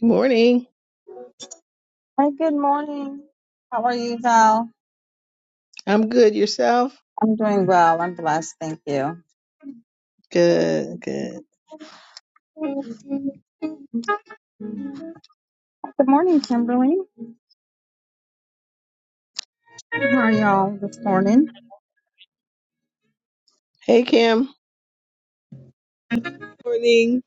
Good morning. Hi, good morning. How are you, Val? I'm good. Yourself? I'm doing well. I'm blessed. Thank you. Good, good. Good morning, Kimberly. How are y'all this morning? Hey, Kim. Morning.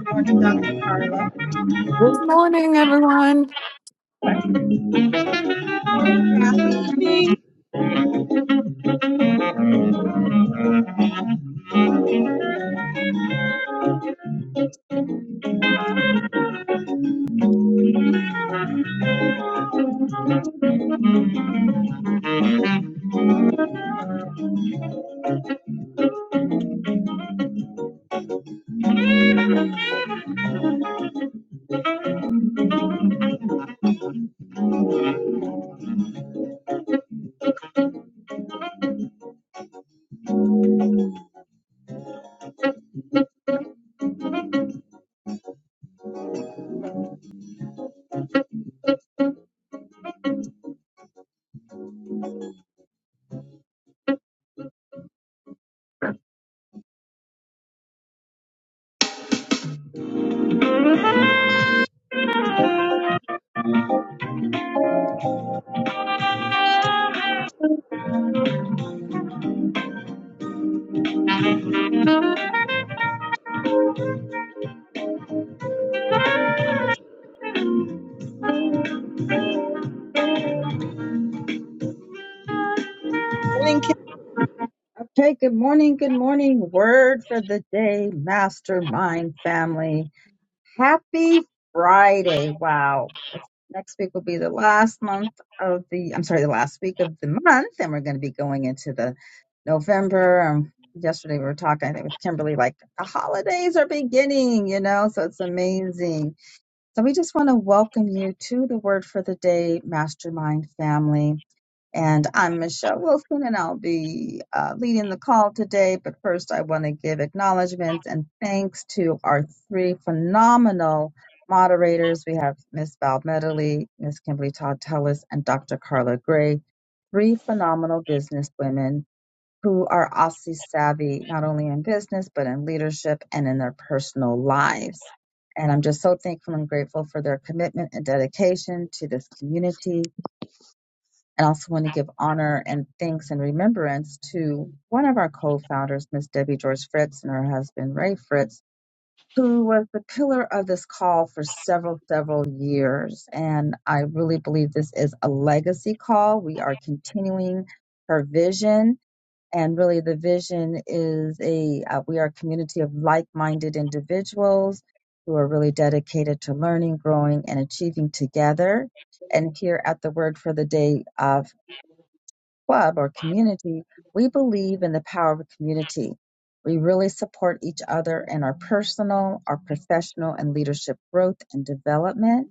Good Morning, Dr. Carla. Good morning, everyone. Kathy? Morning. Morning. Kim. Okay, good morning. Good morning. Word for the day, mastermind family. Happy Friday. Wow. It's- Next week will be the last month of the, I'm sorry, the last week of the month. And we're going to be going into the November. Um, yesterday we were talking, I think, with Kimberly, like the holidays are beginning, you know, so it's amazing. So we just want to welcome you to the Word for the Day Mastermind family. And I'm Michelle Wilson, and I'll be uh, leading the call today. But first, I want to give acknowledgments and thanks to our three phenomenal moderators. We have Miss Val Medley, Miss Kimberly Todd Tellis, and Dr. Carla Gray, three phenomenal business women who are Aussie savvy, not only in business, but in leadership and in their personal lives. And I'm just so thankful and grateful for their commitment and dedication to this community and I also want to give honor and thanks and remembrance to one of our co-founders, Miss Debbie George Fritz and her husband, Ray Fritz, who was the pillar of this call for several, several years. And I really believe this is a legacy call. We are continuing her vision. And really the vision is a, uh, we are a community of like-minded individuals who are really dedicated to learning, growing, and achieving together and here at the Word for the Day uh, club or community, we believe in the power of community. We really support each other in our personal, our professional, and leadership growth and development.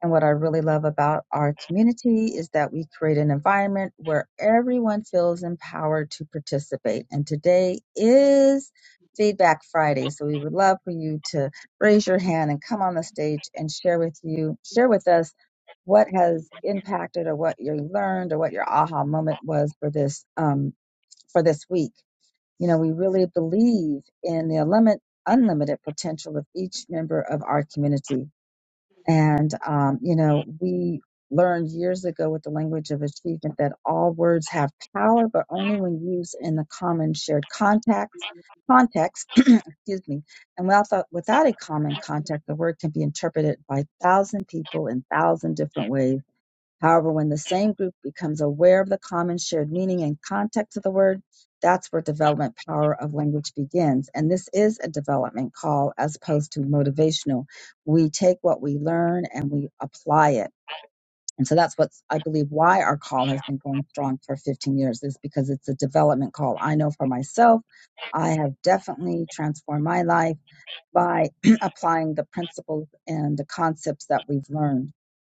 And what I really love about our community is that we create an environment where everyone feels empowered to participate. And today is Feedback Friday. So we would love for you to raise your hand and come on the stage and share with you, share with us what has impacted or what you learned or what your aha moment was for this um, for this week. You know, we really believe in the limit, unlimited potential of each member of our community and, um, you know, we learned years ago with the language of achievement that all words have power, but only when used in the common shared context. Context, excuse me, and without, without a common context, the word can be interpreted by thousand people in thousand different ways However, when the same group becomes aware of the common shared meaning and context of the word, that's where development power of language begins. And this is a development call as opposed to motivational. We take what we learn and we apply it. And so that's what I believe why our call has been going strong for 15 years is because it's a development call. I know for myself, I have definitely transformed my life by applying the principles and the concepts that we've learned.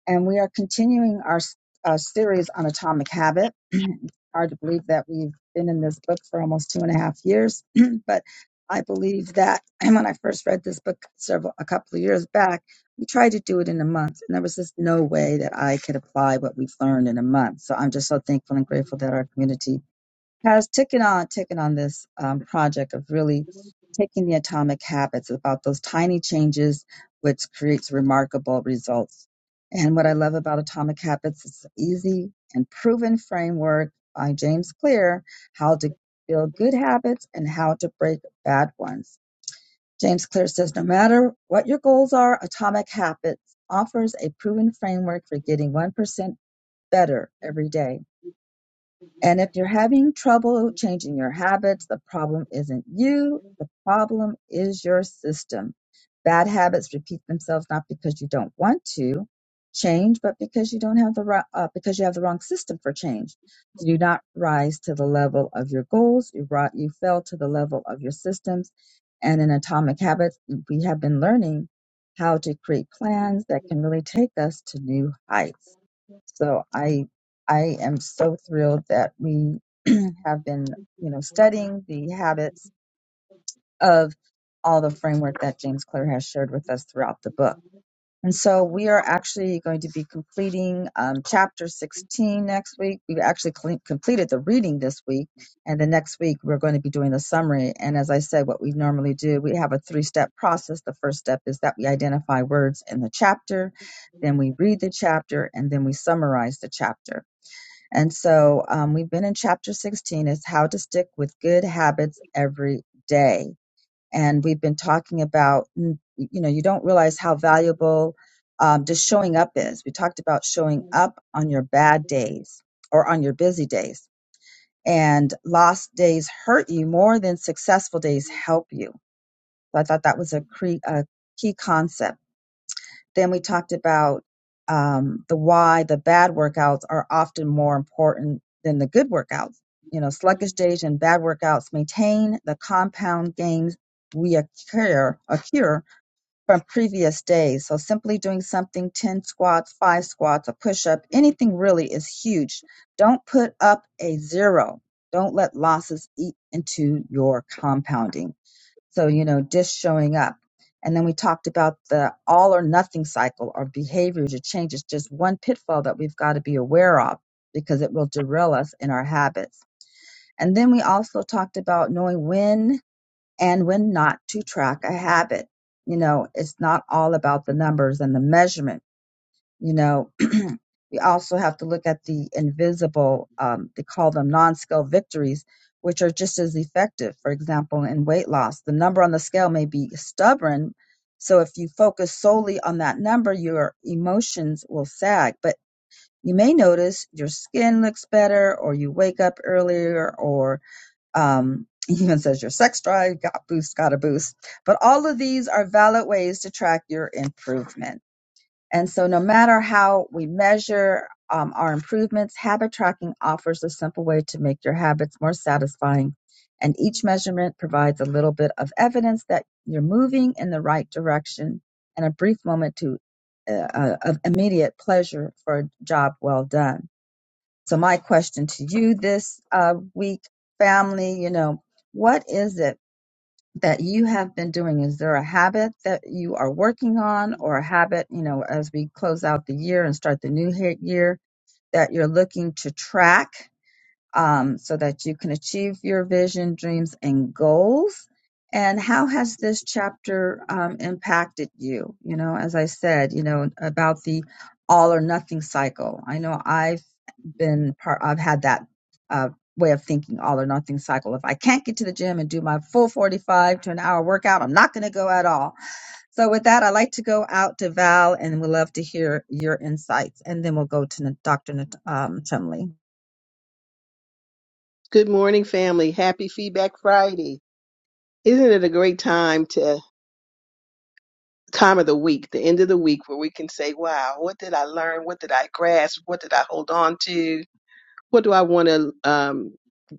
And we are continuing our uh, series on atomic habit. It's Hard to believe that we've been in this book for almost two and a half years, but I believe that when I first read this book several a couple of years back, we tried to do it in a month, and there was just no way that I could apply what we've learned in a month. So I'm just so thankful and grateful that our community has taken on taken on this um, project of really taking the atomic habits about those tiny changes which creates remarkable results and what i love about atomic habits is an easy and proven framework by james clear how to build good habits and how to break bad ones james clear says no matter what your goals are atomic habits offers a proven framework for getting 1% better every day and if you're having trouble changing your habits, the problem isn't you, the problem is your system. Bad habits repeat themselves not because you don't want to change, but because you don't have the ri- uh, because you have the wrong system for change. You do not rise to the level of your goals. You brought you fell to the level of your systems. And in Atomic Habits, we have been learning how to create plans that can really take us to new heights. So I I am so thrilled that we have been, you know, studying the habits of all the framework that James Clear has shared with us throughout the book. And so we are actually going to be completing um, chapter 16 next week. We've actually cle- completed the reading this week, and the next week we're going to be doing the summary. And as I said, what we normally do, we have a three step process. The first step is that we identify words in the chapter, then we read the chapter, and then we summarize the chapter. And so um, we've been in chapter 16 is how to stick with good habits every day. And we've been talking about, mm, you know, you don't realize how valuable um, just showing up is. We talked about showing up on your bad days or on your busy days. And lost days hurt you more than successful days help you. So I thought that was a, cre- a key concept then we talked about um, the why the bad workouts are often more important than the good workouts. You know, sluggish days and bad workouts maintain the compound gains we occur, occur from previous days. So simply doing something 10 squats, five squats, a push up, anything really is huge. Don't put up a zero. Don't let losses eat into your compounding. So, you know, just showing up. And then we talked about the all or nothing cycle or behaviors or changes, just one pitfall that we've got to be aware of because it will derail us in our habits. And then we also talked about knowing when and when not to track a habit. You know, it's not all about the numbers and the measurement you know we also have to look at the invisible um, they call them non-scale victories which are just as effective for example in weight loss the number on the scale may be stubborn so if you focus solely on that number your emotions will sag but you may notice your skin looks better or you wake up earlier or um, even says your sex drive got boost got a boost but all of these are valid ways to track your improvement and so, no matter how we measure um, our improvements, habit tracking offers a simple way to make your habits more satisfying. And each measurement provides a little bit of evidence that you're moving in the right direction and a brief moment to, uh, uh, of immediate pleasure for a job well done. So, my question to you this uh, week, family, you know, what is it? that you have been doing? Is there a habit that you are working on or a habit, you know, as we close out the year and start the new he- year that you're looking to track um, so that you can achieve your vision, dreams, and goals? And how has this chapter um, impacted you? You know, as I said, you know, about the all or nothing cycle. I know I've been part I've had that uh, way of thinking all or nothing cycle. If I can't get to the gym and do my full 45 to an hour workout, I'm not going to go at all. So with that, I'd like to go out to Val and we'd love to hear your insights. And then we'll go to N- Dr. Nat- um, Chumley. Good morning, family. Happy Feedback Friday. Isn't it a great time to time of the week, the end of the week, where we can say, wow, what did I learn? What did I grasp? What did I hold on to? What do I want to um,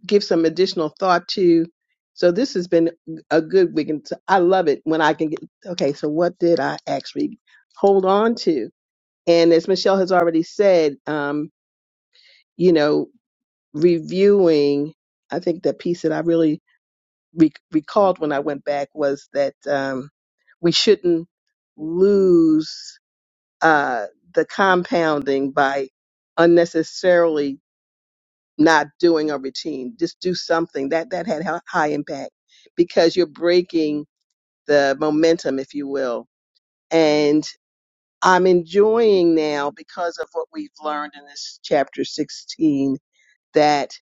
give some additional thought to? So this has been a good week. And so I love it when I can get, okay, so what did I actually hold on to? And as Michelle has already said, um, you know, reviewing, I think the piece that I really re- recalled when I went back was that um, we shouldn't lose uh, the compounding by unnecessarily not doing a routine. Just do something that that had hi- high impact because you're breaking the momentum, if you will. And I'm enjoying now because of what we've learned in this chapter 16 that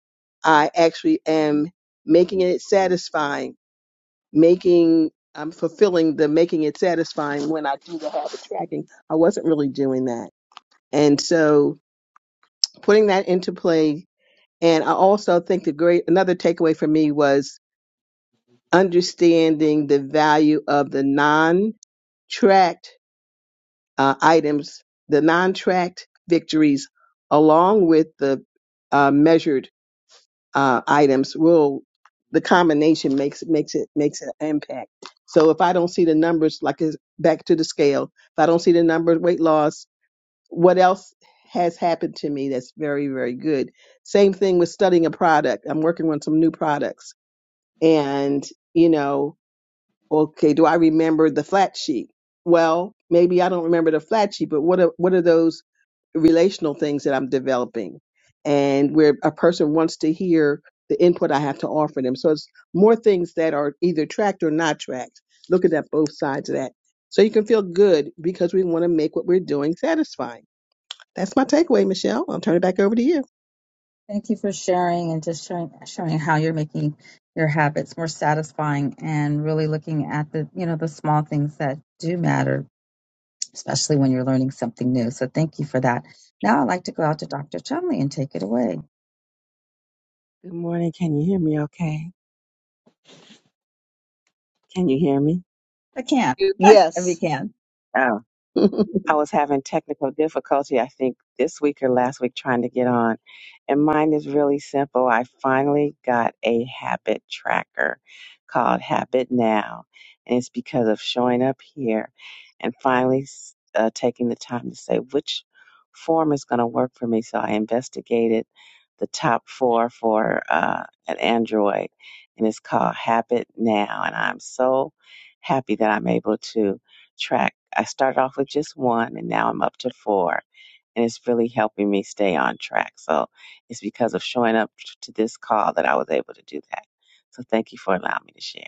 I actually am making it satisfying, making I'm fulfilling the making it satisfying when I do the habit tracking. I wasn't really doing that. And so putting that into play and I also think the great another takeaway for me was understanding the value of the non tracked uh, items, the non tracked victories along with the uh, measured uh, items will the combination makes makes it makes an impact. So if I don't see the numbers, like it's back to the scale, if I don't see the numbers, weight loss, what else has happened to me that's very very good? Same thing with studying a product. I'm working on some new products, and you know, okay, do I remember the flat sheet? Well, maybe I don't remember the flat sheet, but what are what are those? relational things that I'm developing and where a person wants to hear the input I have to offer them. So it's more things that are either tracked or not tracked, looking at both sides of that. So you can feel good because we want to make what we're doing satisfying. That's my takeaway, Michelle. I'll turn it back over to Thank you for sharing and just showing, showing how you're making your habits more satisfying and really looking at the, you know, the small things that do matter, especially when you're learning something new. So thank you for that. Now I'd like to go out to Dr. Chumley and take it away. Good morning. Can you hear me okay? Can you hear me? I can you. if you Yes. can. Oh, I was having technical difficulty, I think, this week or last week trying to get on. And mine is really simple. I finally got a habit tracker called Habit Now. And it's because of showing up here and finally s- uh, taking the time to say which form is going to work for me. So I investigated the top four for uh, an Android, and it's called Habit Now. And I'm so happy that I'm able to track. I started off with just one and now I'm up to four. And it's really helping me stay on track. So it's because of showing up to this call that I was able to do that. So thank you for allowing me to share.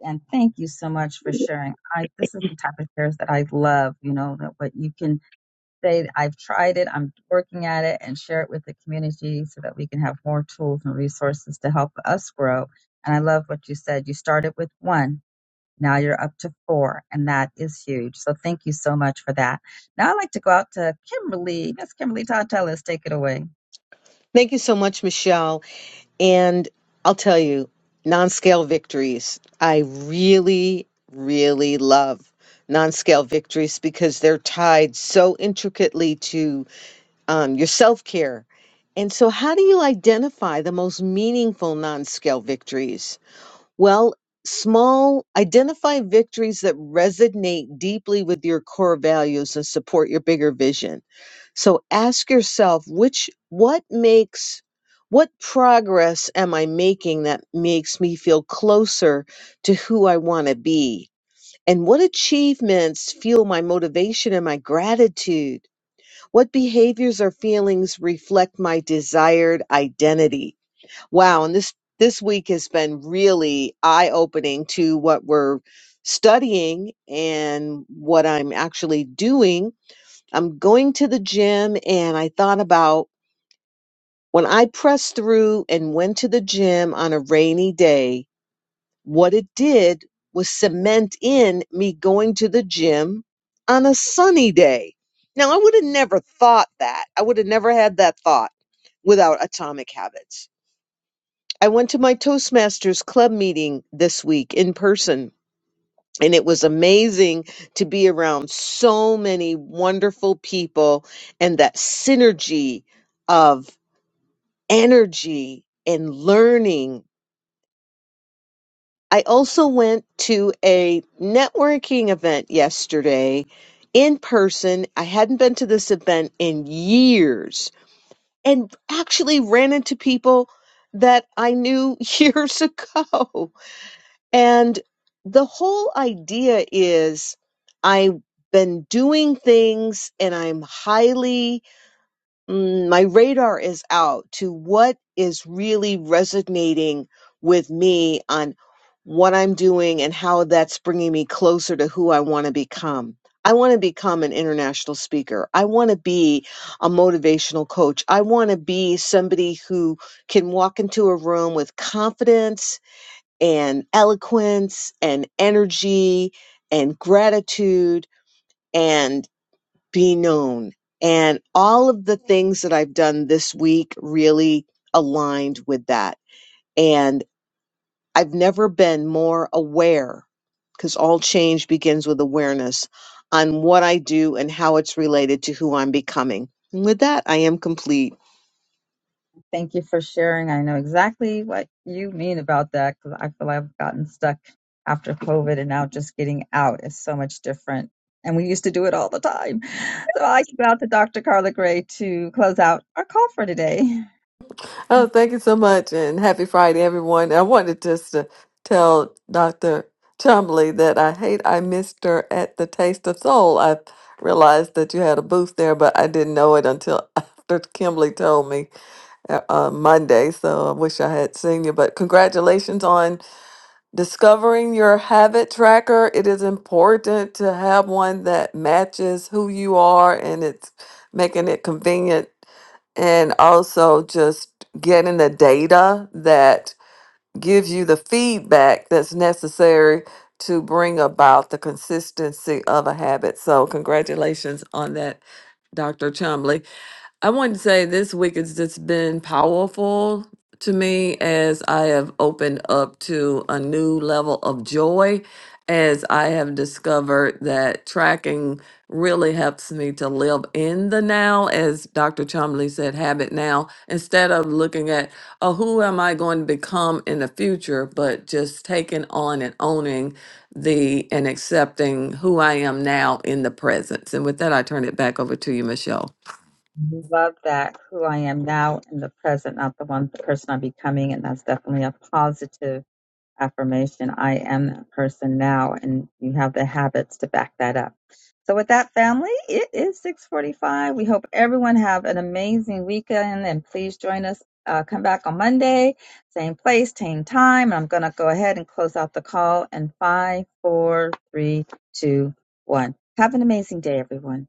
And thank you so much for sharing. I this is the type of shares that I love. You know that what you can say. I've tried it. I'm working at it, and share it with the community so that we can have more tools and resources to help us grow. And I love what you said. You started with one. Now you're up to four, and that is huge. So thank you so much for that. Now I'd like to go out to Kimberly. Miss Kimberly Todd take it away. Thank you so much, Michelle. And I'll tell you, non scale victories. I really, really love non scale victories because they're tied so intricately to um, your self care. And so, how do you identify the most meaningful non scale victories? Well, small, identify victories that resonate deeply with your core values and support your bigger vision So ask yourself which what makes what progress am I making that makes me feel closer to who I want to be? And what achievements fuel my motivation and my gratitude? What behaviors or feelings reflect my desired identity? Wow, and this this week has been really eye-opening to what we're studying and what I'm actually doing I'm going to the gym and I thought about when I pressed through and went to the gym on a rainy day, what it did was cement in me going to the gym on a sunny day. Now, I would have never thought that. I would have never had that thought without Atomic Habits. I went to my Toastmasters club meeting this week in person and it was amazing to be around so many wonderful people and that synergy of energy and learning. I also went to a networking event yesterday in person. I hadn't been to this event in years and actually ran into people that I knew years ago. And the whole idea is I've been doing things and I'm highly, mm, my radar is out to what is really resonating with me on what I'm doing and how that's bringing me closer to who I want to become. I want to become an international speaker. I want to be a motivational coach. I want to be somebody who can walk into a room with confidence and eloquence and energy and gratitude and be known. And all of the things that I've done this week really aligned with that. And I've never been more aware because all change begins with awareness on what I do and how it's related to who I'm becoming. And with that, I am complete. Thank you for sharing. I know exactly what you mean about that because I feel like I've gotten stuck after COVID and now just getting out is so much different. And we used to do it all the time. So I can go out to Dr. Carla Gray to close out our call for today. Oh, thank you so much, and happy Friday, everyone. I wanted just to tell Dr. Chumley that I hate I missed her at the Taste of Soul. I realized that you had a booth there, but I didn't know it until after Kimberly told me uh, uh, Monday. So I wish I had seen you. But congratulations on Discovering your habit tracker, it is important to have one that matches who you are and it's making it convenient and also just getting the data that gives you the feedback that's necessary to bring about the consistency of a habit. So, congratulations on that, Dr. Chumley. I want to say this week has just been powerful to me as I have opened up to a new level of joy as I have discovered that tracking really helps me to live in the now, as Dr. Chomley said, habit now, instead of looking at, oh, who am I going to become in the future, but just taking on and owning the and accepting who I am now in the presence. And with that, I turn it back over to you, Michelle. Love that, who I am now in the present, not the one, the person I'm becoming. And that's definitely a positive affirmation, I am that person now, and you have the habits to back that up. So with that family, it is 645. We hope everyone have an amazing weekend and please join us. Uh, come back on Monday, same place, same time. I'm going to go ahead and close out the call in five, four, three, two, one. Have an amazing day, everyone.